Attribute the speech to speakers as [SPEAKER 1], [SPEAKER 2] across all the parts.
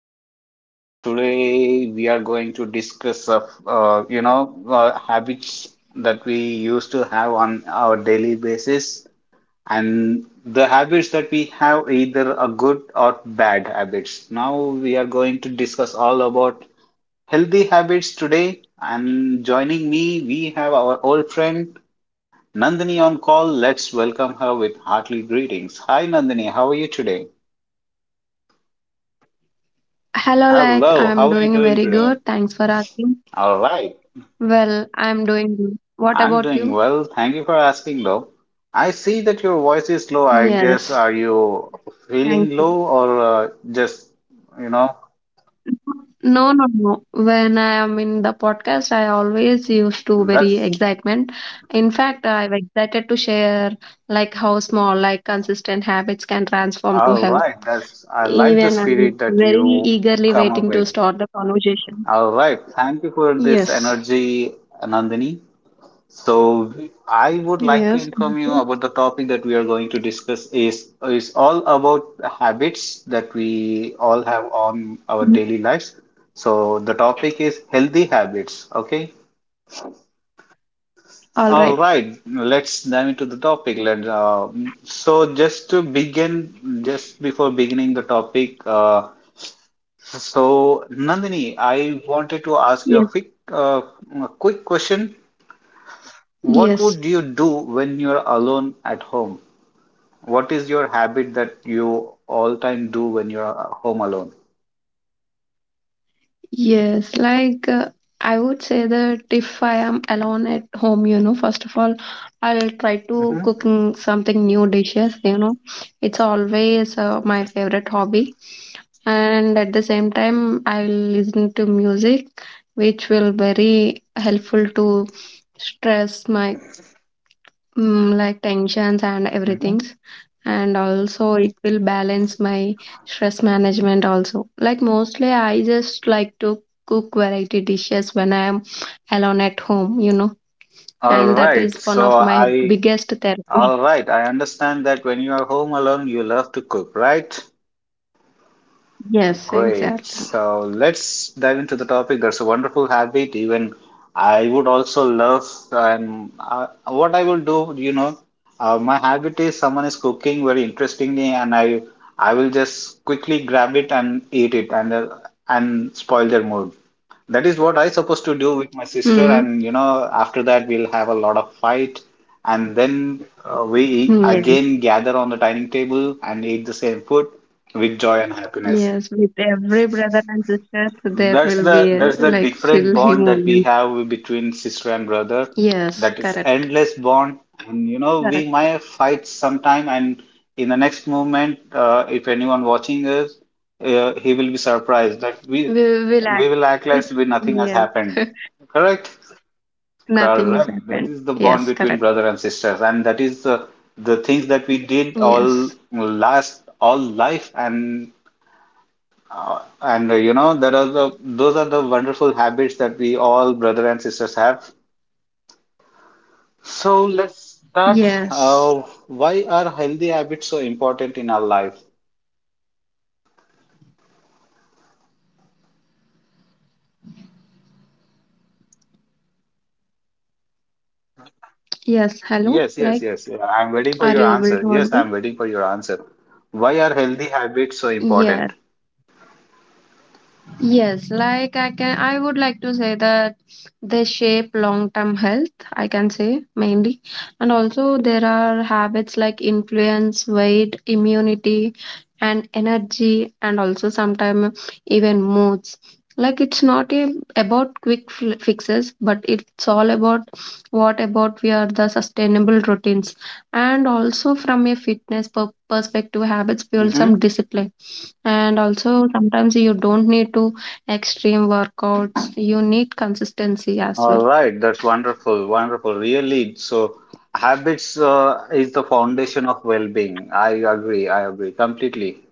[SPEAKER 1] podcast. Today we are going to discuss of habits that we used to have on our daily basis, and the habits that we have either a good or bad habits. Now we are going to discuss all about healthy habits today. And joining me, we have our old friend Nandini on call. Let's welcome her with hearty greetings. Hi, Nandini. How are you today?
[SPEAKER 2] Hello,
[SPEAKER 1] Hello,
[SPEAKER 2] I'm
[SPEAKER 1] how are you
[SPEAKER 2] doing
[SPEAKER 1] doing
[SPEAKER 2] very
[SPEAKER 1] today?
[SPEAKER 2] good. Thanks for asking.
[SPEAKER 1] All right,
[SPEAKER 2] Well, I'm doing good. What
[SPEAKER 1] I'm
[SPEAKER 2] about
[SPEAKER 1] doing
[SPEAKER 2] you?
[SPEAKER 1] well. Thank you for asking, though. I see that your voice is low. I guess
[SPEAKER 2] Yes,
[SPEAKER 1] are you
[SPEAKER 2] thank
[SPEAKER 1] feeling
[SPEAKER 2] you.
[SPEAKER 1] low or just, you know,
[SPEAKER 2] No, no, no. When I am in the podcast, I always used to very
[SPEAKER 1] that's
[SPEAKER 2] excitement. In fact, I'm excited to share like how small, like consistent habits can transform to
[SPEAKER 1] all
[SPEAKER 2] health.
[SPEAKER 1] right. That's I like the
[SPEAKER 2] Even I'm
[SPEAKER 1] spirit that
[SPEAKER 2] very
[SPEAKER 1] you
[SPEAKER 2] eagerly
[SPEAKER 1] come up
[SPEAKER 2] waiting to
[SPEAKER 1] with.
[SPEAKER 2] start the conversation.
[SPEAKER 1] All right, thank you for this
[SPEAKER 2] Yes.
[SPEAKER 1] energy, Nandini. So I would like to
[SPEAKER 2] Yes.
[SPEAKER 1] inform you
[SPEAKER 2] Thank
[SPEAKER 1] about the topic that we are going to discuss is all about the habits that we all have on our
[SPEAKER 2] you.
[SPEAKER 1] daily lives. So the topic is healthy habits. Okay.
[SPEAKER 2] All
[SPEAKER 1] All
[SPEAKER 2] right.
[SPEAKER 1] right. Let's dive into the topic. Let so just to begin, just before beginning the topic, so Nandini, I wanted to ask you a
[SPEAKER 2] Yes.
[SPEAKER 1] quick question. What
[SPEAKER 2] Yes.
[SPEAKER 1] would you do when you're alone at home? What is your habit that you all time do when you're home alone?
[SPEAKER 2] Yes, I would say that if I am alone at home, first of all, I'll try to
[SPEAKER 1] Mm-hmm.
[SPEAKER 2] cooking something new dishes, It's always my favorite hobby. And at the same time, I'll listen to music, which will very helpful to stress my like tensions and
[SPEAKER 1] Mm-hmm.
[SPEAKER 2] everything's, and also it will balance my stress management also. Like mostly I just like to cook variety dishes when I am alone at home,
[SPEAKER 1] All
[SPEAKER 2] and that
[SPEAKER 1] right.
[SPEAKER 2] is one
[SPEAKER 1] So
[SPEAKER 2] of my
[SPEAKER 1] I,
[SPEAKER 2] biggest therapy.
[SPEAKER 1] all right. I understand that when you are home alone, you love to cook, right?
[SPEAKER 2] Yes,
[SPEAKER 1] Great.
[SPEAKER 2] exactly.
[SPEAKER 1] So let's dive into the topic. That's a wonderful habit. Even I would also love, and what I will do, my habit is someone is cooking very interestingly, and I will just quickly grab it and eat it and spoil their mood. That is what I supposed to do with my sister,
[SPEAKER 2] Hmm.
[SPEAKER 1] and you know, after that we'll have a lot of fight, and then we
[SPEAKER 2] Yes.
[SPEAKER 1] again gather on the dining table and eat the same food with joy and happiness.
[SPEAKER 2] Yes, with every brother and sisters there
[SPEAKER 1] That's
[SPEAKER 2] will
[SPEAKER 1] the
[SPEAKER 2] be
[SPEAKER 1] that's the
[SPEAKER 2] like
[SPEAKER 1] different
[SPEAKER 2] silly
[SPEAKER 1] bond that we
[SPEAKER 2] moments.
[SPEAKER 1] have between sister and brother.
[SPEAKER 2] Yes,
[SPEAKER 1] That is
[SPEAKER 2] correct.
[SPEAKER 1] endless bond, and you know we
[SPEAKER 2] Correct,
[SPEAKER 1] might fight sometime, and in the next moment, if anyone watching us, he will be surprised that we
[SPEAKER 2] we will act.
[SPEAKER 1] we will act like we nothing has
[SPEAKER 2] Yes.
[SPEAKER 1] happened. Correct?
[SPEAKER 2] Nothing is
[SPEAKER 1] Correct. That
[SPEAKER 2] happened.
[SPEAKER 1] is the bond
[SPEAKER 2] Yes,
[SPEAKER 1] between
[SPEAKER 2] correct.
[SPEAKER 1] brother and sisters, and that is the things that we did
[SPEAKER 2] Yes.
[SPEAKER 1] all life, and there are the those are the wonderful habits that we all brother and sisters have. So let's start.
[SPEAKER 2] Yes.
[SPEAKER 1] Why are healthy habits so important in our life?
[SPEAKER 2] Yes. Hello.
[SPEAKER 1] Yes, yes,
[SPEAKER 2] Like,
[SPEAKER 1] yes. yeah, I'm waiting for
[SPEAKER 2] are
[SPEAKER 1] your
[SPEAKER 2] you able
[SPEAKER 1] answer.
[SPEAKER 2] to
[SPEAKER 1] Yes,
[SPEAKER 2] audible?
[SPEAKER 1] I'm waiting for your answer. Why are healthy habits so important?
[SPEAKER 2] Yes. Yes, like I would like to say that they shape long-term health, I can say mainly. And also there are habits like influence, weight, immunity, and energy, and also sometimes even moods. Like it's not a, about fixes, but it's all about what about we are the sustainable routines. And also from a perspective, habits build some
[SPEAKER 1] Mm-hmm.
[SPEAKER 2] discipline and also sometimes you don't need to extreme workouts. You need consistency as
[SPEAKER 1] All
[SPEAKER 2] well.
[SPEAKER 1] right, that's wonderful, wonderful. Really, so habits is the foundation of well-being. I agree completely.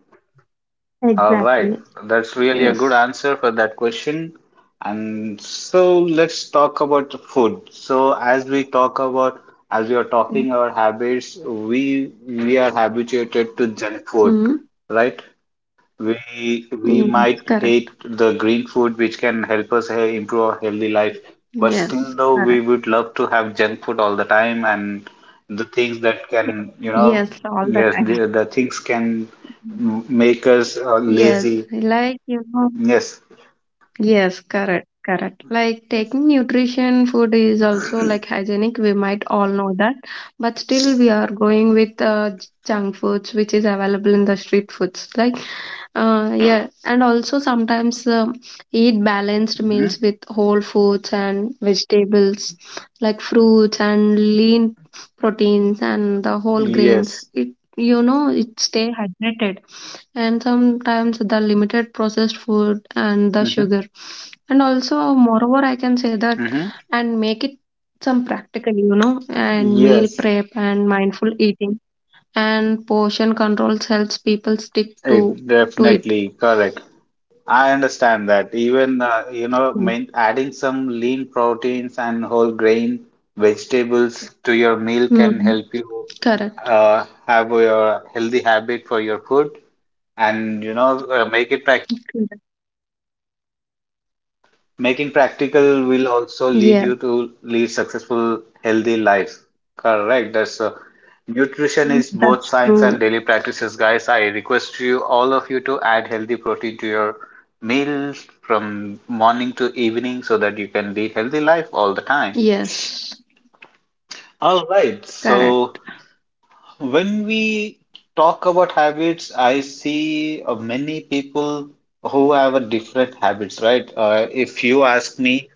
[SPEAKER 1] All right,
[SPEAKER 2] Exactly.
[SPEAKER 1] that's really a good
[SPEAKER 2] Yes.
[SPEAKER 1] answer for that question. And so let's talk about the food. As we are
[SPEAKER 2] Yeah.
[SPEAKER 1] talking our habits, we are habituated to junk food,
[SPEAKER 2] Hmm.
[SPEAKER 1] right? We
[SPEAKER 2] Yes,
[SPEAKER 1] might
[SPEAKER 2] correct.
[SPEAKER 1] hate the green food which can help us improve our healthy life, but still
[SPEAKER 2] Yes,
[SPEAKER 1] though we
[SPEAKER 2] correct.
[SPEAKER 1] would love to have junk food all the time and the things that can, you know,
[SPEAKER 2] Yes, all the
[SPEAKER 1] yes,
[SPEAKER 2] time.
[SPEAKER 1] the things can make us lazy.
[SPEAKER 2] Yes, like.
[SPEAKER 1] Yes.
[SPEAKER 2] Yes, correct, correct. Like taking nutrition food is also like hygienic. We might all know that, but still we are going with junk foods, which is available in the street foods. Like yeah, and also sometimes eat balanced
[SPEAKER 1] hmm
[SPEAKER 2] meals with whole foods and vegetables, like fruits and lean proteins and the whole grains.
[SPEAKER 1] Yes.
[SPEAKER 2] It, it stay hydrated. And sometimes the limited processed food and the
[SPEAKER 1] hmm
[SPEAKER 2] sugar. And also, moreover, I can say that
[SPEAKER 1] hmm
[SPEAKER 2] and make it some practical, and meal
[SPEAKER 1] Yes.
[SPEAKER 2] prep and mindful eating and portion controls helps people stick
[SPEAKER 1] It
[SPEAKER 2] to it.
[SPEAKER 1] definitely correct. I understand that. Even,
[SPEAKER 2] Mm.
[SPEAKER 1] adding some lean proteins and whole grain vegetables to your meal can
[SPEAKER 2] Hmm.
[SPEAKER 1] help you
[SPEAKER 2] Correct.
[SPEAKER 1] have your healthy habit for your food and, make it
[SPEAKER 2] Correct.
[SPEAKER 1] making practical will also lead
[SPEAKER 2] Yeah.
[SPEAKER 1] you to lead successful, healthy life. Correct. That's Nutrition is both
[SPEAKER 2] That's
[SPEAKER 1] science and
[SPEAKER 2] true.
[SPEAKER 1] daily practices, guys. I request you, all of you, to add healthy protein to your meals from morning to evening so that you can lead healthy life all the time.
[SPEAKER 2] Yes.
[SPEAKER 1] All right. So
[SPEAKER 2] Correct.
[SPEAKER 1] when we talk about habits, I see many people who have a different habits, right? Uh, if you ask me,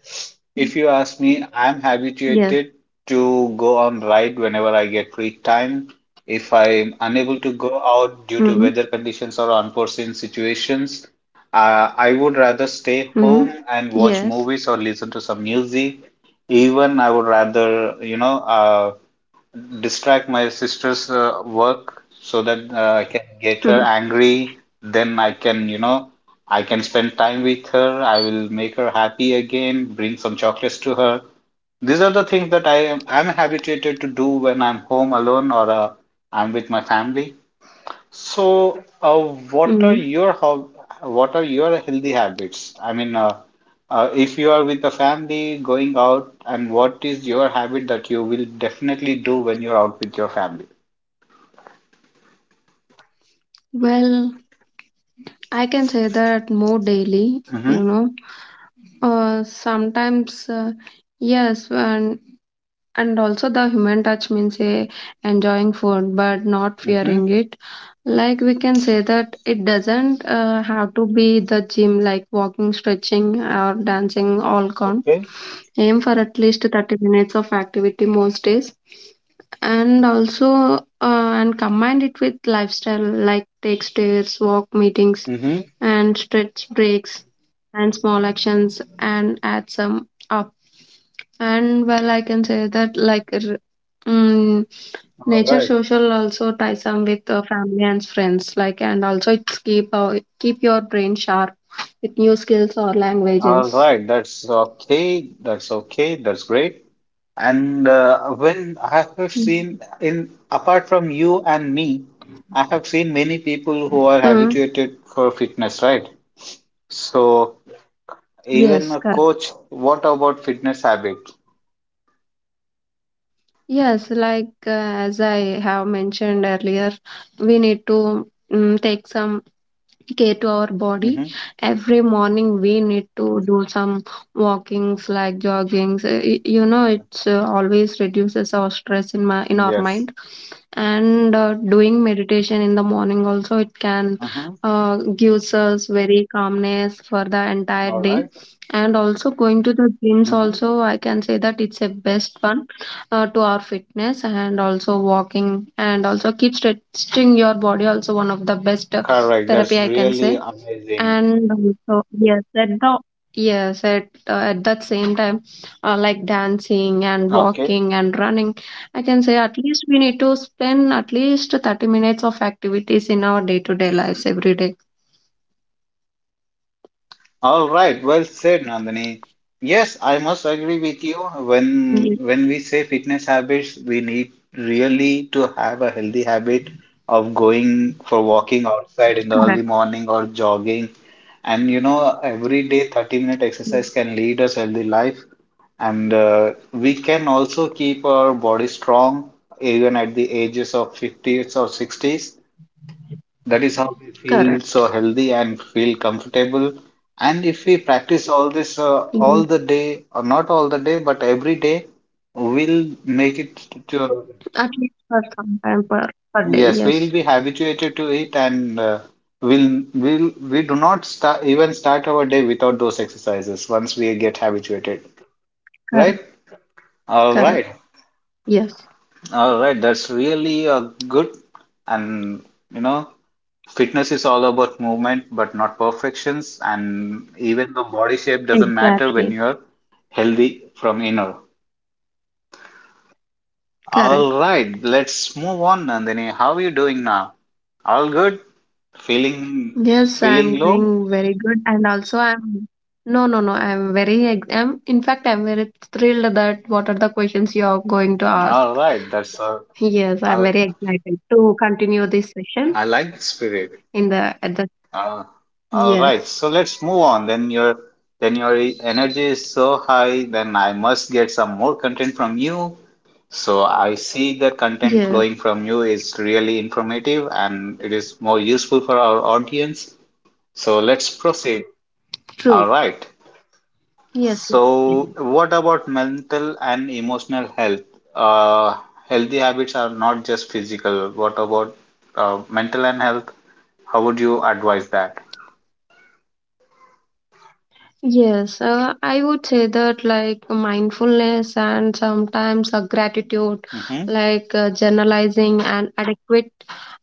[SPEAKER 1] if you ask me, I'm
[SPEAKER 2] Yes.
[SPEAKER 1] habituated to go on ride whenever I get free time. If I'm unable to go out due to
[SPEAKER 2] Hmm.
[SPEAKER 1] weather conditions or unforeseen situations, I would rather stay
[SPEAKER 2] Hmm.
[SPEAKER 1] home and watch
[SPEAKER 2] Yes.
[SPEAKER 1] movies or listen to some music. Even I would rather, distract my sister's work so that I can get her angry. Then I can, you know, I can spend time with her. I will make her happy again, bring some chocolates to her. These are the things that I'm habituated to do when I'm home alone or I'm with my family. So, uh, what are
[SPEAKER 2] Hmm.
[SPEAKER 1] your hob what are your healthy habits? I mean, if you are with the family going out, and what is your habit that you will definitely do when you're out with your family?
[SPEAKER 2] Well, I can say that more daily.
[SPEAKER 1] Mm-hmm.
[SPEAKER 2] Sometimes. Yes. And also the human touch means a enjoying food but not
[SPEAKER 1] Mm-hmm.
[SPEAKER 2] fearing it. Like we can say that it doesn't have to be the gym like walking, stretching or dancing all count.
[SPEAKER 1] Okay.
[SPEAKER 2] Aim for at least 30 minutes of activity most days. And also and combine it with lifestyle like take stairs, walk meetings
[SPEAKER 1] Mm-hmm.
[SPEAKER 2] and stretch breaks and small actions and add some up. And well, I can say that mm,
[SPEAKER 1] All
[SPEAKER 2] nature
[SPEAKER 1] right.
[SPEAKER 2] social also ties some with family and friends. Like and also it's keep your brain sharp with new skills or
[SPEAKER 1] All
[SPEAKER 2] languages.
[SPEAKER 1] right. That's okay. That's okay. That's great. And when I have
[SPEAKER 2] Mm.
[SPEAKER 1] seen in apart from you and me, I have seen many people who are
[SPEAKER 2] Mm.
[SPEAKER 1] habituated for fitness, right? So. Even
[SPEAKER 2] Yes,
[SPEAKER 1] a
[SPEAKER 2] correct.
[SPEAKER 1] coach, what about fitness habit?
[SPEAKER 2] Yes, as I have mentioned earlier, we need to take some care to our body.
[SPEAKER 1] Mm-hmm.
[SPEAKER 2] Every morning we need to do some walkings like joggings. You know it's always reduces our stress in my in our
[SPEAKER 1] Yes.
[SPEAKER 2] mind. And doing meditation in the morning also it can
[SPEAKER 1] Mm-hmm.
[SPEAKER 2] uh, gives us very calmness for the entire
[SPEAKER 1] All
[SPEAKER 2] day.
[SPEAKER 1] right.
[SPEAKER 2] And also going to the gyms
[SPEAKER 1] Mm-hmm.
[SPEAKER 2] also I can say that it's a best one to our fitness, and also walking and also keep stretching your body also one of the best
[SPEAKER 1] Correct. That's
[SPEAKER 2] therapy I can
[SPEAKER 1] really
[SPEAKER 2] say.
[SPEAKER 1] amazing.
[SPEAKER 2] And so yes, at the yes, at that same time, like dancing and
[SPEAKER 1] Okay.
[SPEAKER 2] walking and running, I can say at least we need to spend at least 30 minutes of activities in our day-to-day lives every day.
[SPEAKER 1] All right. Well said, Nandini. Yes, I must agree with you. When
[SPEAKER 2] Yes,
[SPEAKER 1] when we say fitness habits, we need really to have a healthy habit of going for walking outside in the early
[SPEAKER 2] correct.
[SPEAKER 1] morning or jogging. And you know, every day 30-minute
[SPEAKER 2] Yes,
[SPEAKER 1] exercise can lead us healthy life. And we can also keep our body strong even at the ages of 50s or 60s. That is how we feel
[SPEAKER 2] correct.
[SPEAKER 1] so healthy and feel comfortable. And if we practice all this
[SPEAKER 2] Yes,
[SPEAKER 1] all the day, or not all the day, but every day, we'll make it to,
[SPEAKER 2] at least for per day.
[SPEAKER 1] yes, we'll
[SPEAKER 2] Yes,
[SPEAKER 1] be habituated to it and we do not start our day without those exercises once we get habituated,
[SPEAKER 2] correct,
[SPEAKER 1] right? All
[SPEAKER 2] correct.
[SPEAKER 1] right.
[SPEAKER 2] Yes,
[SPEAKER 1] All right, that's really a good and you know, fitness is all about movement but not perfections and even the body shape doesn't matter when
[SPEAKER 2] exactly,
[SPEAKER 1] you're healthy from inner. All
[SPEAKER 2] correct.
[SPEAKER 1] right, let's move on, Nandini. How are you doing now? All good? Feeling
[SPEAKER 2] Yes, I'm
[SPEAKER 1] feeling low?
[SPEAKER 2] doing very good, and also I'm no, no, no. I'm very, I'm in fact, I'm very thrilled that what are the questions you are going to ask.
[SPEAKER 1] All right, that's a
[SPEAKER 2] Yes, I'm
[SPEAKER 1] I
[SPEAKER 2] very excited to continue this session
[SPEAKER 1] I like the spirit.
[SPEAKER 2] in the at the
[SPEAKER 1] Uh, all right,
[SPEAKER 2] yes,
[SPEAKER 1] so let's move on. Then your energy is so high, then I must get some more content from you. So I see the content
[SPEAKER 2] yes,
[SPEAKER 1] flowing from you is really informative and it is more useful for our audience. So let's proceed. All
[SPEAKER 2] true,
[SPEAKER 1] right.
[SPEAKER 2] yes, yes.
[SPEAKER 1] So
[SPEAKER 2] Yes.
[SPEAKER 1] what about mental and emotional health? Uh, Healthy habits are not just physical. What about mental and health? How would you advise that?
[SPEAKER 2] Yes, I would say that like mindfulness and sometimes a gratitude,
[SPEAKER 1] Mm-hmm.
[SPEAKER 2] like journalizing and adequate,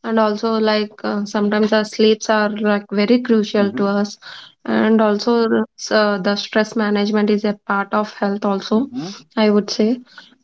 [SPEAKER 2] and also like sometimes our sleeps are like very crucial to
[SPEAKER 1] Mm-hmm.
[SPEAKER 2] us, and also so the stress management is a part of health also,
[SPEAKER 1] Mhm,
[SPEAKER 2] I would say.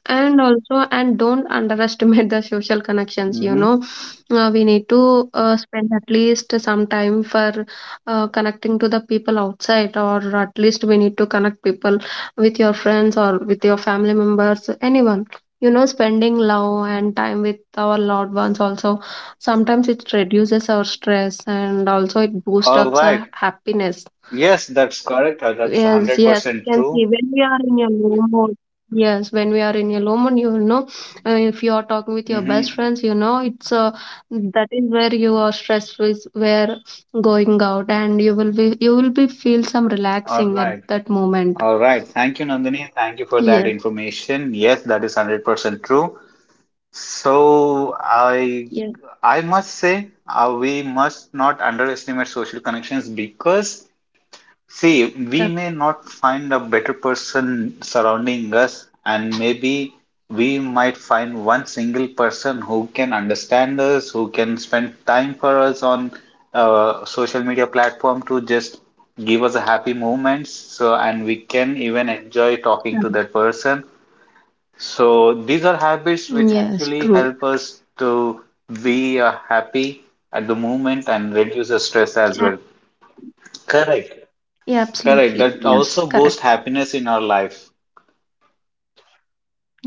[SPEAKER 2] And also and don't underestimate the social connections,
[SPEAKER 1] mhm.
[SPEAKER 2] we need to spend at least some time for connecting to the people outside, or at least we need to connect people with your friends or with your family members, anyone. You know, spending love and time with our loved ones also sometimes it reduces our stress and also it boosts
[SPEAKER 1] All
[SPEAKER 2] up
[SPEAKER 1] right.
[SPEAKER 2] our happiness.
[SPEAKER 1] Yes, that's correct. That's
[SPEAKER 2] Yes, yes,
[SPEAKER 1] 100%
[SPEAKER 2] you can see
[SPEAKER 1] true.
[SPEAKER 2] when we are in your low mode. Yes, when we are in your low mode, you will know if you are talking with your best
[SPEAKER 1] Hmm
[SPEAKER 2] friends, you know it's that is where you are stressed, is where going out, and you will be feel some
[SPEAKER 1] All
[SPEAKER 2] relaxing at
[SPEAKER 1] right.
[SPEAKER 2] that moment.
[SPEAKER 1] All right. Thank you, Nandini. Thank you for that
[SPEAKER 2] Yes,
[SPEAKER 1] information. Yes, that is 100% true. So I
[SPEAKER 2] yes,
[SPEAKER 1] I must say, we must not underestimate social connections because see, we
[SPEAKER 2] correct.
[SPEAKER 1] may not find a better person surrounding us, and maybe we might find one single person who can understand us, who can spend time for us on social media platform to just give us a happy moments. So, and we can even enjoy talking to that person. So, these are habits which
[SPEAKER 2] Yes,
[SPEAKER 1] actually
[SPEAKER 2] true.
[SPEAKER 1] help us to be happy at the moment and reduce the stress as
[SPEAKER 2] Yeah,
[SPEAKER 1] well. Correct.
[SPEAKER 2] yeah,
[SPEAKER 1] Correct.
[SPEAKER 2] absolutely.
[SPEAKER 1] That
[SPEAKER 2] Yes,
[SPEAKER 1] also boosts
[SPEAKER 2] correct.
[SPEAKER 1] happiness in our life.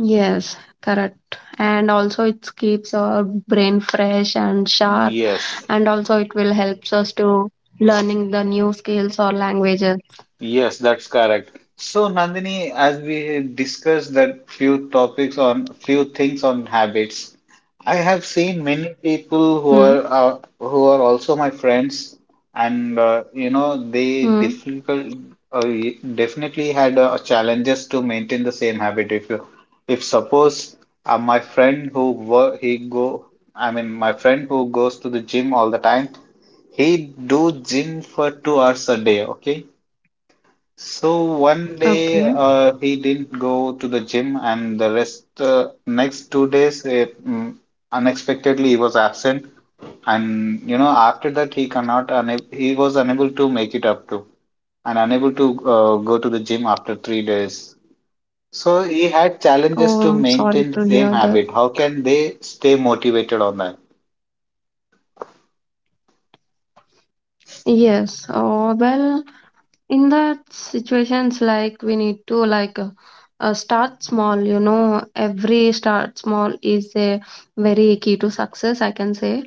[SPEAKER 2] Yes, correct. And also it keeps our brain fresh and sharp,
[SPEAKER 1] Yes.
[SPEAKER 2] and also it will helps us to learning the new skills or languages.
[SPEAKER 1] Yes, that's correct. So, Nandini, as we discussed that few topics on few things on habits, I have seen many people
[SPEAKER 2] Hmm.
[SPEAKER 1] who are also my friends, and you know they
[SPEAKER 2] Hmm.
[SPEAKER 1] difficult uh, definitely had challenges to maintain the same habit. If you, if suppose my friend who work he go, I mean my friend who goes to the gym all the time. He do gym for 2 hours a day, okay? So one day
[SPEAKER 2] Okay.
[SPEAKER 1] he didn't go to the gym, and the rest next 2 days unexpectedly he was absent, and you know after that he cannot una he was unable to make it up to and unable to go to the gym after 3 days. So he had challenges
[SPEAKER 2] Oh,
[SPEAKER 1] to
[SPEAKER 2] I'm sorry
[SPEAKER 1] maintain the
[SPEAKER 2] to
[SPEAKER 1] same
[SPEAKER 2] hear that.
[SPEAKER 1] habit. How can they stay motivated on that?
[SPEAKER 2] Yes. Oh, well, in that situations like we need to start small. You know, every start small is a very key to success, I can say.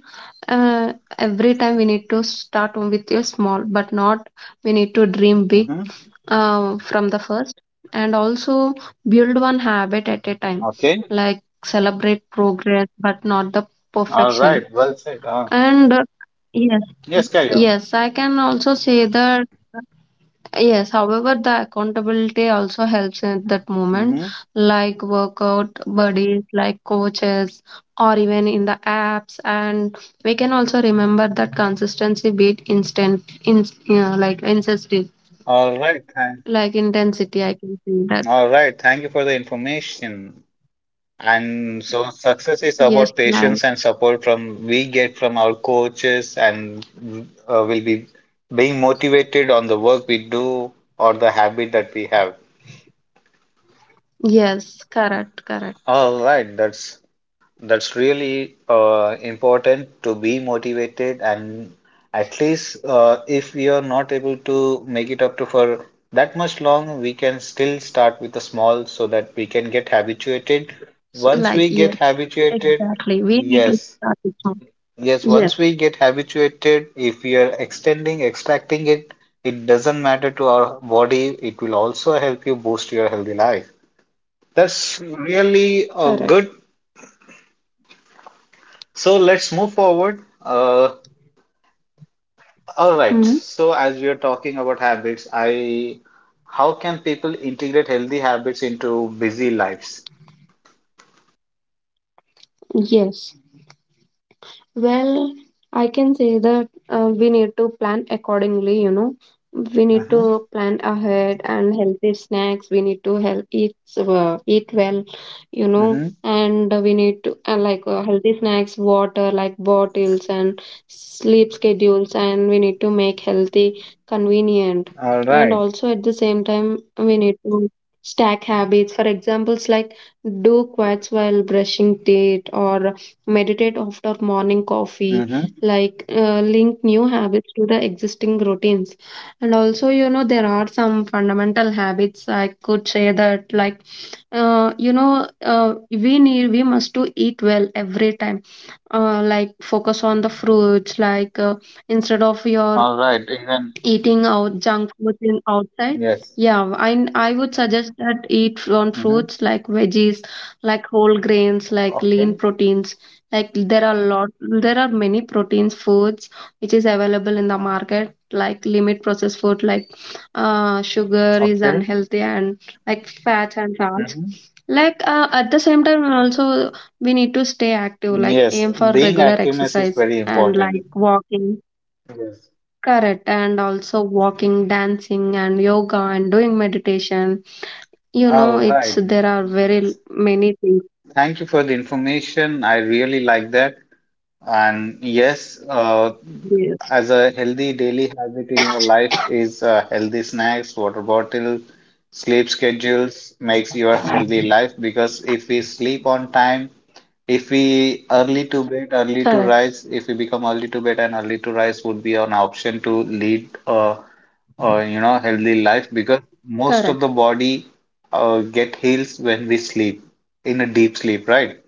[SPEAKER 2] Uh, every time we need to start with a small, but not we need to dream big
[SPEAKER 1] Mm-hmm.
[SPEAKER 2] from the first. And also build one habit at a time,
[SPEAKER 1] Okay.
[SPEAKER 2] like celebrate progress but not the
[SPEAKER 1] All
[SPEAKER 2] perfection.
[SPEAKER 1] right. Well said.
[SPEAKER 2] And yes,
[SPEAKER 1] Yes, carry on.
[SPEAKER 2] yes, I can also say that yes, however, the accountability also helps at that moment,
[SPEAKER 1] Mm-hmm.
[SPEAKER 2] like workout buddies, like coaches, or even in the apps. And we can also remember that consistency beat instant, in, like intensity,
[SPEAKER 1] All right, thank,
[SPEAKER 2] like intensity. I can see that.
[SPEAKER 1] all right. Thank you for the information. And so success is
[SPEAKER 2] Yes,
[SPEAKER 1] about
[SPEAKER 2] like
[SPEAKER 1] patience and support from we get from our coaches, and will be being motivated on the work we do or the habit that we have.
[SPEAKER 2] yes, correct, correct.
[SPEAKER 1] All right, that's really important to be motivated, and at least if we are not able to make it up to for that much long, we can still start with a small so that we can get habituated.
[SPEAKER 2] So,
[SPEAKER 1] Once
[SPEAKER 2] like
[SPEAKER 1] we
[SPEAKER 2] yes,
[SPEAKER 1] get habituated,
[SPEAKER 2] exactly. We need to
[SPEAKER 1] yes,
[SPEAKER 2] start it from-
[SPEAKER 1] yes,
[SPEAKER 2] yes,
[SPEAKER 1] once we get habituated, if we are extending, extracting it, it doesn't matter to our body, it will also help you boost your healthy life. That's really a
[SPEAKER 2] correct.
[SPEAKER 1] good. So let's move forward. All right.
[SPEAKER 2] Hmm.
[SPEAKER 1] So as we are talking about habits, I how can people integrate healthy habits into busy lives?
[SPEAKER 2] Yes. Well, I can say that we need to plan accordingly, you know. We need
[SPEAKER 1] Uh-huh.
[SPEAKER 2] to plan ahead and healthy snacks. We need to help eat well, you know,
[SPEAKER 1] Mm-hmm.
[SPEAKER 2] and we need to healthy snacks, water like bottles, and sleep schedules, and we need to make healthy convenient.
[SPEAKER 1] All
[SPEAKER 2] And
[SPEAKER 1] right.
[SPEAKER 2] also at the same time, we need to stack habits. For examples like do quads while brushing teeth, or meditate after morning coffee,
[SPEAKER 1] Mm-hmm.
[SPEAKER 2] link new habits to the existing routines. And also you know there are some fundamental habits I could say that like we need we must to eat well every time, like focus on the fruits like instead of your
[SPEAKER 1] All right. Even
[SPEAKER 2] eating out junk food in outside.
[SPEAKER 1] yes.
[SPEAKER 2] Yeah, I would suggest that eat from
[SPEAKER 1] Mm-hmm.
[SPEAKER 2] fruits, like veggies, like whole grains, like lean
[SPEAKER 1] Okay.
[SPEAKER 2] proteins. Like there are lot there are many proteins foods which is available in the market, like limit processed food like sugar is
[SPEAKER 1] Okay.
[SPEAKER 2] unhealthy, and like fats and salts,
[SPEAKER 1] Mm-hmm.
[SPEAKER 2] like at the same time also we need to stay active, like
[SPEAKER 1] Yes.
[SPEAKER 2] aim for
[SPEAKER 1] Being
[SPEAKER 2] regular
[SPEAKER 1] activeness is
[SPEAKER 2] exercise
[SPEAKER 1] very
[SPEAKER 2] and like
[SPEAKER 1] important.
[SPEAKER 2] walking.
[SPEAKER 1] Yes.
[SPEAKER 2] Correct. And also walking, dancing, and yoga, and doing meditation. You know,
[SPEAKER 1] All
[SPEAKER 2] it's
[SPEAKER 1] right.
[SPEAKER 2] there are very many things.
[SPEAKER 1] Thank you for the information. I really like that. And yes,
[SPEAKER 2] Yes.
[SPEAKER 1] as a healthy daily habit in your life is healthy snacks, water bottle, sleep schedules makes your healthy life because if we sleep on time, if we early to bed, early to
[SPEAKER 2] Correct.
[SPEAKER 1] rise, if we become early to bed and early to rise would be an option to lead a healthy life because most
[SPEAKER 2] Correct.
[SPEAKER 1] of the body get heals when we sleep in a deep sleep, right?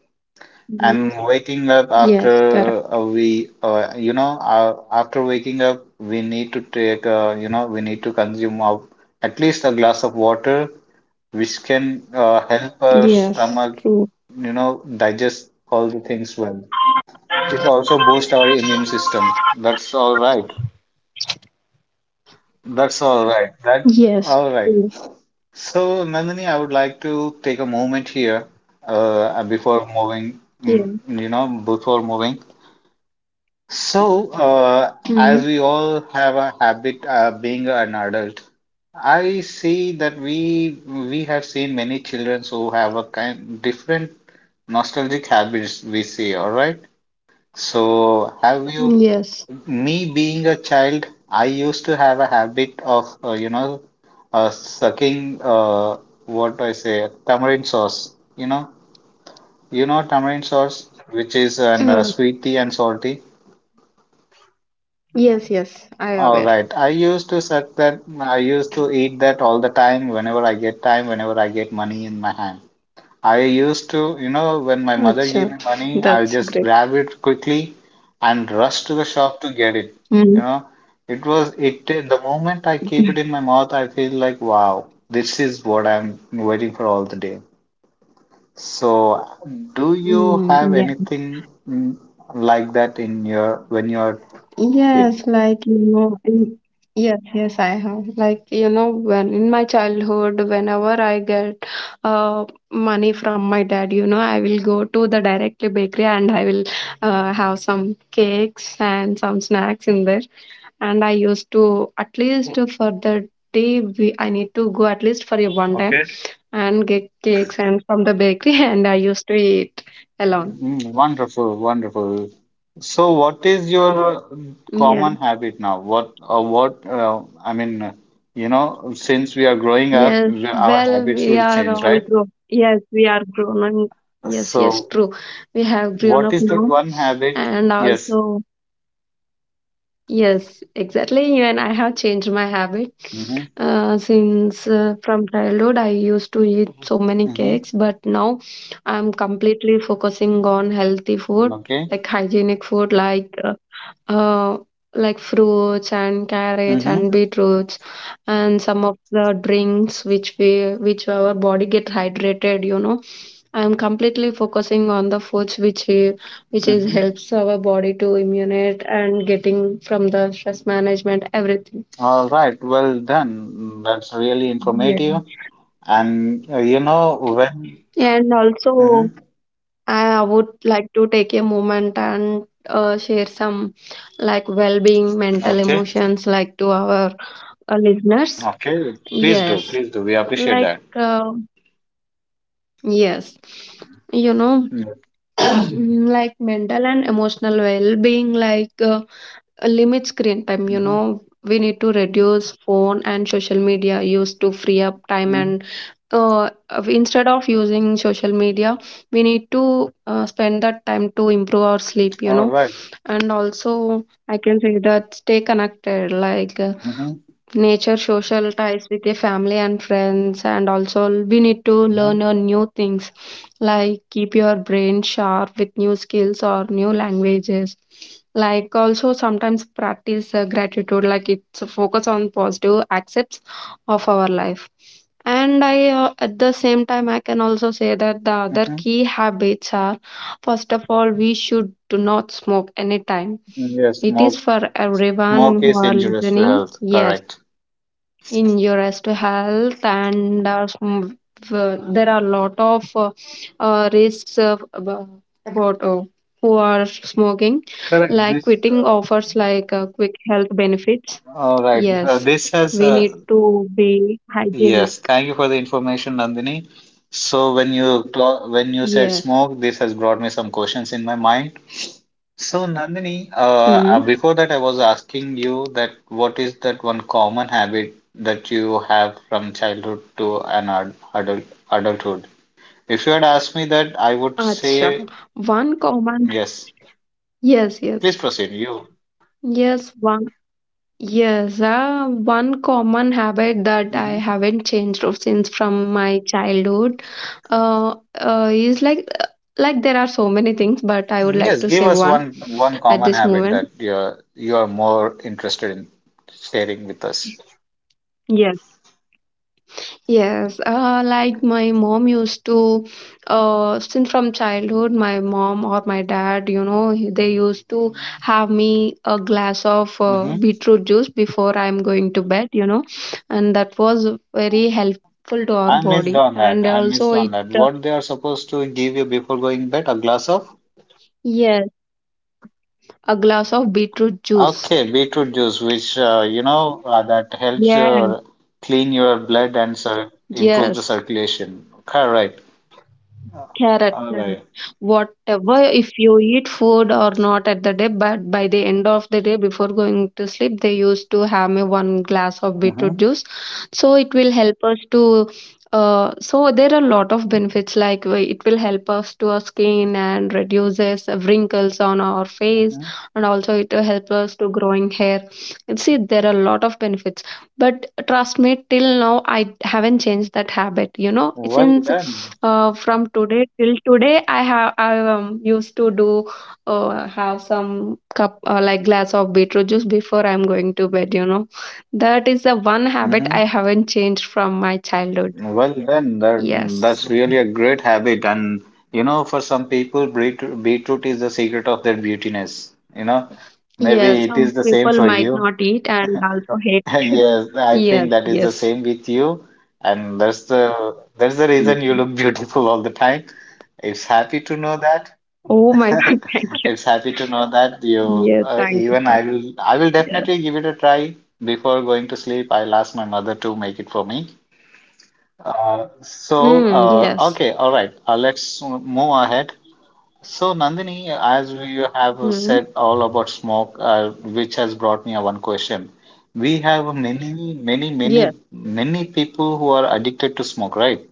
[SPEAKER 2] Mhm.
[SPEAKER 1] And waking up after
[SPEAKER 2] Yes. Correct.
[SPEAKER 1] we, after waking up, we need to take, we need to consume of at least a glass of water, which can help our
[SPEAKER 2] Yes.
[SPEAKER 1] stomach,
[SPEAKER 2] True.
[SPEAKER 1] digest all the things well. It also boosts our immune system. That's all right. That's all right. That
[SPEAKER 2] Yes.
[SPEAKER 1] all right.
[SPEAKER 2] True.
[SPEAKER 1] So, Nandini, I would like to take a moment here, before moving,
[SPEAKER 2] Yeah.
[SPEAKER 1] before moving. So,
[SPEAKER 2] Mm.
[SPEAKER 1] as we all have a habit being an adult, I see that we have seen many children who have a kind different nostalgic habits we see, all right? So, have you,
[SPEAKER 2] Yes.
[SPEAKER 1] me being a child, I used to have a habit of, sucking, what I say, tamarind sauce, you know, you know tamarind sauce, which is an
[SPEAKER 2] Uh,
[SPEAKER 1] sweety and salty.
[SPEAKER 2] yes. Yes. I
[SPEAKER 1] All
[SPEAKER 2] aware.
[SPEAKER 1] right. I used to suck that. I used to eat that all the time whenever I get time, whenever I get money in my hand. I used to, you know, when my mother gave
[SPEAKER 2] Acha.
[SPEAKER 1] me money, I'll
[SPEAKER 2] That's
[SPEAKER 1] just
[SPEAKER 2] great.
[SPEAKER 1] grab it quickly and rush to the shop to get it. You
[SPEAKER 2] Mm.
[SPEAKER 1] know, it was it. The moment I keep it in my mouth, I feel like, wow, this is what I'm waiting for all the day. So, do you have
[SPEAKER 2] Mm. Yeah.
[SPEAKER 1] anything mm, like that in your when you're kid?
[SPEAKER 2] Yes, yes, yes, I have. Like you know, when in my childhood, whenever I get uh money from my dad, you know, I will go to the directly bakery, and I will have some cakes and some snacks in there. And I used to at least for the day, we I need to go at least for a one day
[SPEAKER 1] Okay.
[SPEAKER 2] and get cakes and from the bakery, and I used to eat alone.
[SPEAKER 1] Mm, wonderful, wonderful. So, what is your
[SPEAKER 2] Yeah.
[SPEAKER 1] common habit now? What, I mean, you know, since we are growing up,
[SPEAKER 2] Yes,
[SPEAKER 1] our
[SPEAKER 2] well,
[SPEAKER 1] habits
[SPEAKER 2] we
[SPEAKER 1] will
[SPEAKER 2] are
[SPEAKER 1] change,
[SPEAKER 2] all
[SPEAKER 1] right?
[SPEAKER 2] grown. Yes, we are grown. And yes, yes,
[SPEAKER 1] So,
[SPEAKER 2] true. We have grown
[SPEAKER 1] what
[SPEAKER 2] up
[SPEAKER 1] is that
[SPEAKER 2] now.
[SPEAKER 1] one habit?
[SPEAKER 2] And
[SPEAKER 1] Yes.
[SPEAKER 2] also, yes, exactly. Even I have changed my habit.
[SPEAKER 1] Mm-hmm.
[SPEAKER 2] Since From childhood, I used to eat so many
[SPEAKER 1] Mm-hmm.
[SPEAKER 2] cakes, but now I'm completely focusing on healthy food,
[SPEAKER 1] Okay.
[SPEAKER 2] like hygienic food, uh, like fruits and carrots and
[SPEAKER 1] Mm-hmm.
[SPEAKER 2] beetroots and some of the drinks which we which our body get hydrated. You know, I'm completely focusing on the foods which is
[SPEAKER 1] Mm-hmm.
[SPEAKER 2] helps our body to immunate and getting from the stress management everything.
[SPEAKER 1] All right. Well done. That's really
[SPEAKER 2] Yeah.
[SPEAKER 1] informative. And you know when?
[SPEAKER 2] And also,
[SPEAKER 1] Mm-hmm.
[SPEAKER 2] I would like to take a moment and share some like well-being, mental
[SPEAKER 1] Okay.
[SPEAKER 2] emotions like to our listeners.
[SPEAKER 1] Okay. Please do.
[SPEAKER 2] Yes.
[SPEAKER 1] Please do. We appreciate
[SPEAKER 2] Like
[SPEAKER 1] that.
[SPEAKER 2] uh, yes you know
[SPEAKER 1] Mm-hmm.
[SPEAKER 2] like mental and emotional well-being like limit screen time. We need to reduce phone and social media use to free up time
[SPEAKER 1] Mm-hmm.
[SPEAKER 2] and instead of using social media we need to spend that time to improve our sleep you
[SPEAKER 1] All
[SPEAKER 2] know
[SPEAKER 1] right.
[SPEAKER 2] And also I can say that stay connected like
[SPEAKER 1] Mm-hmm.
[SPEAKER 2] nature social ties with your family and friends, and also we need to
[SPEAKER 1] Mm-hmm.
[SPEAKER 2] learn a new things, like keep your brain sharp with new skills or new languages. Like also sometimes practice gratitude, like it's a focus on positive aspects of our life. And I at the same time I can also say that the other
[SPEAKER 1] Mm-hmm.
[SPEAKER 2] key habits are, first of all, we should do not smoke anytime.
[SPEAKER 1] Mm, yes,
[SPEAKER 2] It is for
[SPEAKER 1] smoke
[SPEAKER 2] everyone who
[SPEAKER 1] is
[SPEAKER 2] are
[SPEAKER 1] injurious to
[SPEAKER 2] listening.
[SPEAKER 1] health.
[SPEAKER 2] Yes,
[SPEAKER 1] Correct.
[SPEAKER 2] injure as to health and there are a lot of risks of, about, about who are smoking,
[SPEAKER 1] Correct.
[SPEAKER 2] like
[SPEAKER 1] This
[SPEAKER 2] quitting offers like quick health benefits.
[SPEAKER 1] All right.
[SPEAKER 2] Yes,
[SPEAKER 1] This has
[SPEAKER 2] we need to be
[SPEAKER 1] yes.
[SPEAKER 2] hygienic.
[SPEAKER 1] Thank you for the information, Nandini. So when when you said
[SPEAKER 2] Yeah.
[SPEAKER 1] smoke, this has brought me some questions in my mind. So Nandini,
[SPEAKER 2] Hmm.
[SPEAKER 1] before that, I was asking you that what is that one common habit that you have from childhood to an ad adult adulthood? If you had asked me that, I would say
[SPEAKER 2] Acha. One common.
[SPEAKER 1] yes.
[SPEAKER 2] Yes,
[SPEAKER 1] Please proceed. You.
[SPEAKER 2] Yes, one Yes. Uh, one common habit that I
[SPEAKER 1] Mhm.
[SPEAKER 2] haven't changed of since from my childhood is like there are so many things, but I would
[SPEAKER 1] Mm,
[SPEAKER 2] like
[SPEAKER 1] yes,
[SPEAKER 2] to
[SPEAKER 1] give
[SPEAKER 2] say
[SPEAKER 1] us
[SPEAKER 2] one
[SPEAKER 1] one
[SPEAKER 2] at
[SPEAKER 1] common
[SPEAKER 2] this
[SPEAKER 1] habit
[SPEAKER 2] moment.
[SPEAKER 1] that you're more interested in sharing with us.
[SPEAKER 2] Yes. Yes, like my mom used to, since from childhood, my mom or my dad, you know, they used to have me a glass of
[SPEAKER 1] Hmm.
[SPEAKER 2] beetroot juice before I'm going to bed, you know, and that was very helpful to our
[SPEAKER 1] I missed
[SPEAKER 2] body.
[SPEAKER 1] on that.
[SPEAKER 2] And
[SPEAKER 1] I missed
[SPEAKER 2] also,
[SPEAKER 1] on that. What they are supposed to give you before going bed? A glass of?
[SPEAKER 2] yes, a glass of beetroot juice.
[SPEAKER 1] Okay, beetroot juice, which that helps
[SPEAKER 2] Yes.
[SPEAKER 1] your clean your blood and cir improve the
[SPEAKER 2] Yes.
[SPEAKER 1] circulation. Correct.
[SPEAKER 2] Correct,
[SPEAKER 1] All
[SPEAKER 2] correct.
[SPEAKER 1] right.
[SPEAKER 2] Whatever, if you eat food or not at the day, but by the end of the day, before going to sleep, they used to have me one glass of beetroot
[SPEAKER 1] Mm-hmm.
[SPEAKER 2] juice. So it will help us to. So there are a lot of benefits, like it will help us to our skin and reduces wrinkles on our face,
[SPEAKER 1] Mm-hmm.
[SPEAKER 2] and also it will help us to growing hair. And see, there are a lot of benefits, but trust me, till now I haven't changed that habit, you know,
[SPEAKER 1] Well
[SPEAKER 2] since
[SPEAKER 1] done.
[SPEAKER 2] from today till today I have I used to do have some cup like glass of beetroot juice before I'm going to bed, you know. That is the one habit
[SPEAKER 1] Mm-hmm.
[SPEAKER 2] I haven't changed from my childhood.
[SPEAKER 1] Well then,
[SPEAKER 2] Yes.
[SPEAKER 1] that's really a great habit, and you know, for some people, beetroot is the secret of their beautiness. You know, maybe
[SPEAKER 2] Yes,
[SPEAKER 1] it is
[SPEAKER 2] some
[SPEAKER 1] the same
[SPEAKER 2] people
[SPEAKER 1] for
[SPEAKER 2] might
[SPEAKER 1] you.
[SPEAKER 2] not eat and also hate it.
[SPEAKER 1] Yes, I
[SPEAKER 2] Yes,
[SPEAKER 1] think that is the
[SPEAKER 2] yes.
[SPEAKER 1] same with you, and that's the reason you
[SPEAKER 2] Mm.
[SPEAKER 1] look beautiful all the time. It's happy to know that.
[SPEAKER 2] Oh my god, thank you.
[SPEAKER 1] It's happy to know that you
[SPEAKER 2] Yes, thank you
[SPEAKER 1] even
[SPEAKER 2] for,
[SPEAKER 1] I will
[SPEAKER 2] yes.
[SPEAKER 1] definitely give it a try before going to sleep. I'll ask my mother to make it for me
[SPEAKER 2] Mm, yes.
[SPEAKER 1] okay, all right. Let's move ahead. So, Nandini, as we have
[SPEAKER 2] Mm.
[SPEAKER 1] said all about smoke, which has brought me a one question. We have many, many,
[SPEAKER 2] Yes,
[SPEAKER 1] many, many people who are addicted to smoke, right?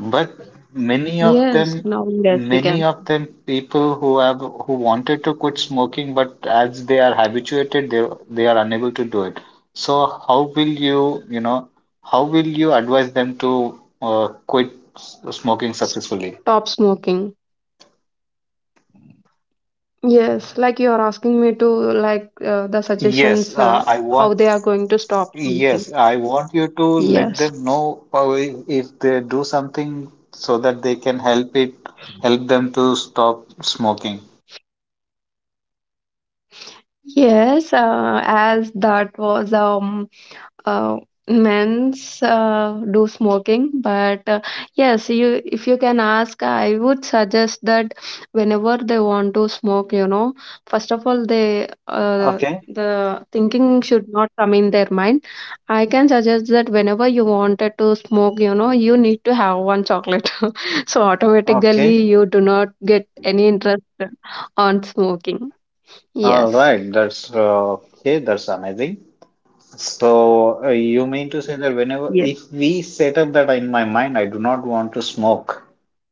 [SPEAKER 1] But many of
[SPEAKER 2] yes,
[SPEAKER 1] them,
[SPEAKER 2] now yes, we
[SPEAKER 1] many
[SPEAKER 2] can
[SPEAKER 1] of them people who have who wanted to quit smoking, but as they are habituated, they are unable to do it. So how will you, you know, how will you advise them to quit smoking successfully?
[SPEAKER 2] stop smoking. Yes, like you are asking me to like the
[SPEAKER 1] Yes,
[SPEAKER 2] suggestions
[SPEAKER 1] I
[SPEAKER 2] how
[SPEAKER 1] want.
[SPEAKER 2] they are going to stop smoking.
[SPEAKER 1] Yes, I want you to let
[SPEAKER 2] Yes,
[SPEAKER 1] them know if they do something so that they can help it, help them to stop smoking.
[SPEAKER 2] yes, as that was uh, men's do smoking but yes, you if you can ask, I would suggest that whenever they want to smoke, you know, first of all they
[SPEAKER 1] Okay,
[SPEAKER 2] the thinking should not come in their mind. I can suggest that whenever you wanted to smoke, you know, you need to have one chocolate so
[SPEAKER 1] okay.
[SPEAKER 2] automatically you do not get any interest on smoking.
[SPEAKER 1] All
[SPEAKER 2] Yes.
[SPEAKER 1] right, that's amazing. So, you mean to say that whenever,
[SPEAKER 2] Yes,
[SPEAKER 1] if we set up that in my mind, I do not want to smoke,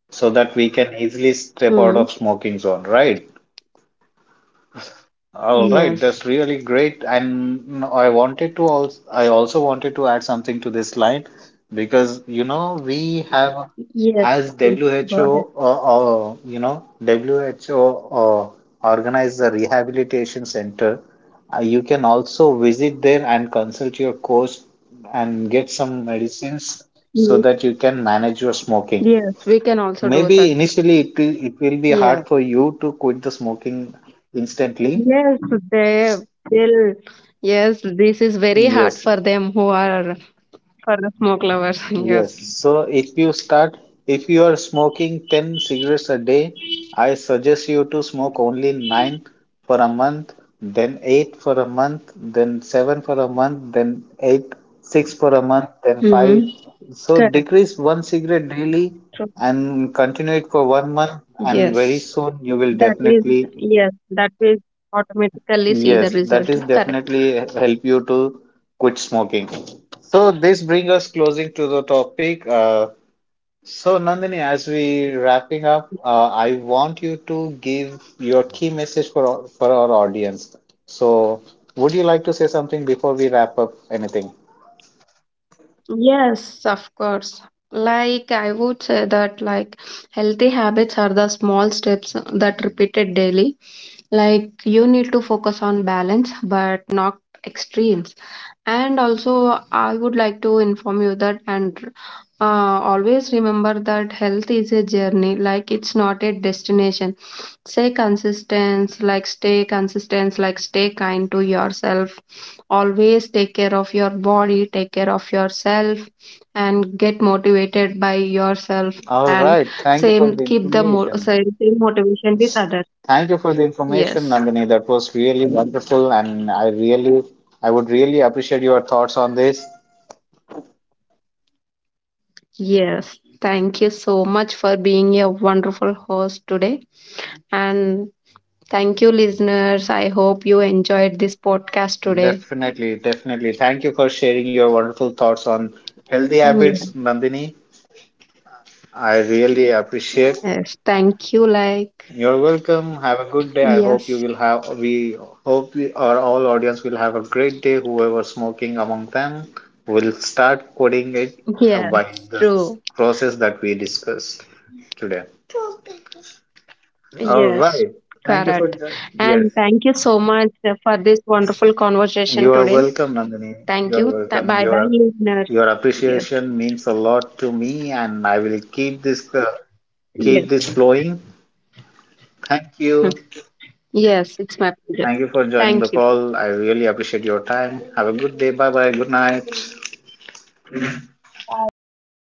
[SPEAKER 1] so that we can easily step out
[SPEAKER 2] hmm.
[SPEAKER 1] of smoking zone, right? All right,
[SPEAKER 2] Yes,
[SPEAKER 1] that's really great. And I wanted to also, I also wanted to add something to this line because you know we have
[SPEAKER 2] yes,
[SPEAKER 1] as
[SPEAKER 2] please, go ahead.
[SPEAKER 1] WHO, you know WHO uh, organized a rehabilitation center. You can also visit there and consult your coach and get some medicines so
[SPEAKER 2] Mhm.
[SPEAKER 1] that you can manage your smoking.
[SPEAKER 2] Yes, we can also do
[SPEAKER 1] Maybe
[SPEAKER 2] that.
[SPEAKER 1] initially it will be
[SPEAKER 2] Yeah.
[SPEAKER 1] hard for you to quit the smoking instantly.
[SPEAKER 2] Yes, they will. Yes, this is very hard
[SPEAKER 1] Yes,
[SPEAKER 2] for them who are, for the smoke lovers.
[SPEAKER 1] yes.
[SPEAKER 2] Yes.
[SPEAKER 1] So if you start, if you are smoking 10 cigarettes a day, I suggest you to smoke only 9 for a month, then 8 for a month, then 7 for a month, then 8, 6 for a month, then
[SPEAKER 2] Hmm.
[SPEAKER 1] 5. So
[SPEAKER 2] Correct.
[SPEAKER 1] decrease one cigarette daily
[SPEAKER 2] True.
[SPEAKER 1] and continue it for 1 month, and very
[SPEAKER 2] Yes.
[SPEAKER 1] soon you will
[SPEAKER 2] That is,
[SPEAKER 1] definitely,
[SPEAKER 2] yes, that will automatically see the
[SPEAKER 1] yes, that
[SPEAKER 2] result.
[SPEAKER 1] is
[SPEAKER 2] Correct.
[SPEAKER 1] definitely help you to quit smoking. So this brings us closing to the topic. So, Nandini, as we wrapping up, I want you to give your key message for for our audience. So, would you like to say something before we wrap up anything?
[SPEAKER 2] Yes, of course. Like I would say that like healthy habits are the small steps that repeated daily. Like you need to focus on balance but not extremes. And also I would like to inform you that, and always remember that health is a journey, like it's not a destination. Stay consistent, like stay consistent, like stay kind to yourself. Always take care of your body, take care of yourself, and get motivated by yourself.
[SPEAKER 1] All
[SPEAKER 2] And
[SPEAKER 1] right. Thank you for
[SPEAKER 2] same,
[SPEAKER 1] the
[SPEAKER 2] keep the
[SPEAKER 1] information.
[SPEAKER 2] same, same motivation with others.
[SPEAKER 1] Thank you for the information,
[SPEAKER 2] Yes,
[SPEAKER 1] Nandini. That was really wonderful, and I really, I would really appreciate your thoughts on this.
[SPEAKER 2] yes. Thank you so much for being a wonderful host today. And thank you, listeners. I hope you enjoyed this podcast today.
[SPEAKER 1] Definitely, definitely. Thank you for sharing your wonderful thoughts on healthy
[SPEAKER 2] Yeah.
[SPEAKER 1] habits, Nandini. I really appreciate.
[SPEAKER 2] Yes, thank you. Like,
[SPEAKER 1] You're welcome. Have a good day. I hope you
[SPEAKER 2] yes.
[SPEAKER 1] will have, we hope we, our all audience will have a great day. Whoever smoking among them will start quitting it by
[SPEAKER 2] Yes,
[SPEAKER 1] the
[SPEAKER 2] true.
[SPEAKER 1] process that we discussed today. All
[SPEAKER 2] Yes,
[SPEAKER 1] right. Thank you for
[SPEAKER 2] correct.
[SPEAKER 1] that. Yes.
[SPEAKER 2] And thank you so much for this wonderful conversation
[SPEAKER 1] You are
[SPEAKER 2] today.
[SPEAKER 1] welcome, Nandini.
[SPEAKER 2] Thank
[SPEAKER 1] You're
[SPEAKER 2] you.
[SPEAKER 1] welcome.
[SPEAKER 2] Bye bye, listeners.
[SPEAKER 1] Your
[SPEAKER 2] Yes,
[SPEAKER 1] appreciation means a lot to me, and I will keep
[SPEAKER 2] yes,
[SPEAKER 1] this flowing. Thank you.
[SPEAKER 2] yes, it's my pleasure.
[SPEAKER 1] Thank you for joining the
[SPEAKER 2] Thank you.
[SPEAKER 1] call. I really appreciate your time. Have a good day. Bye bye. Good night.
[SPEAKER 2] Bye bye.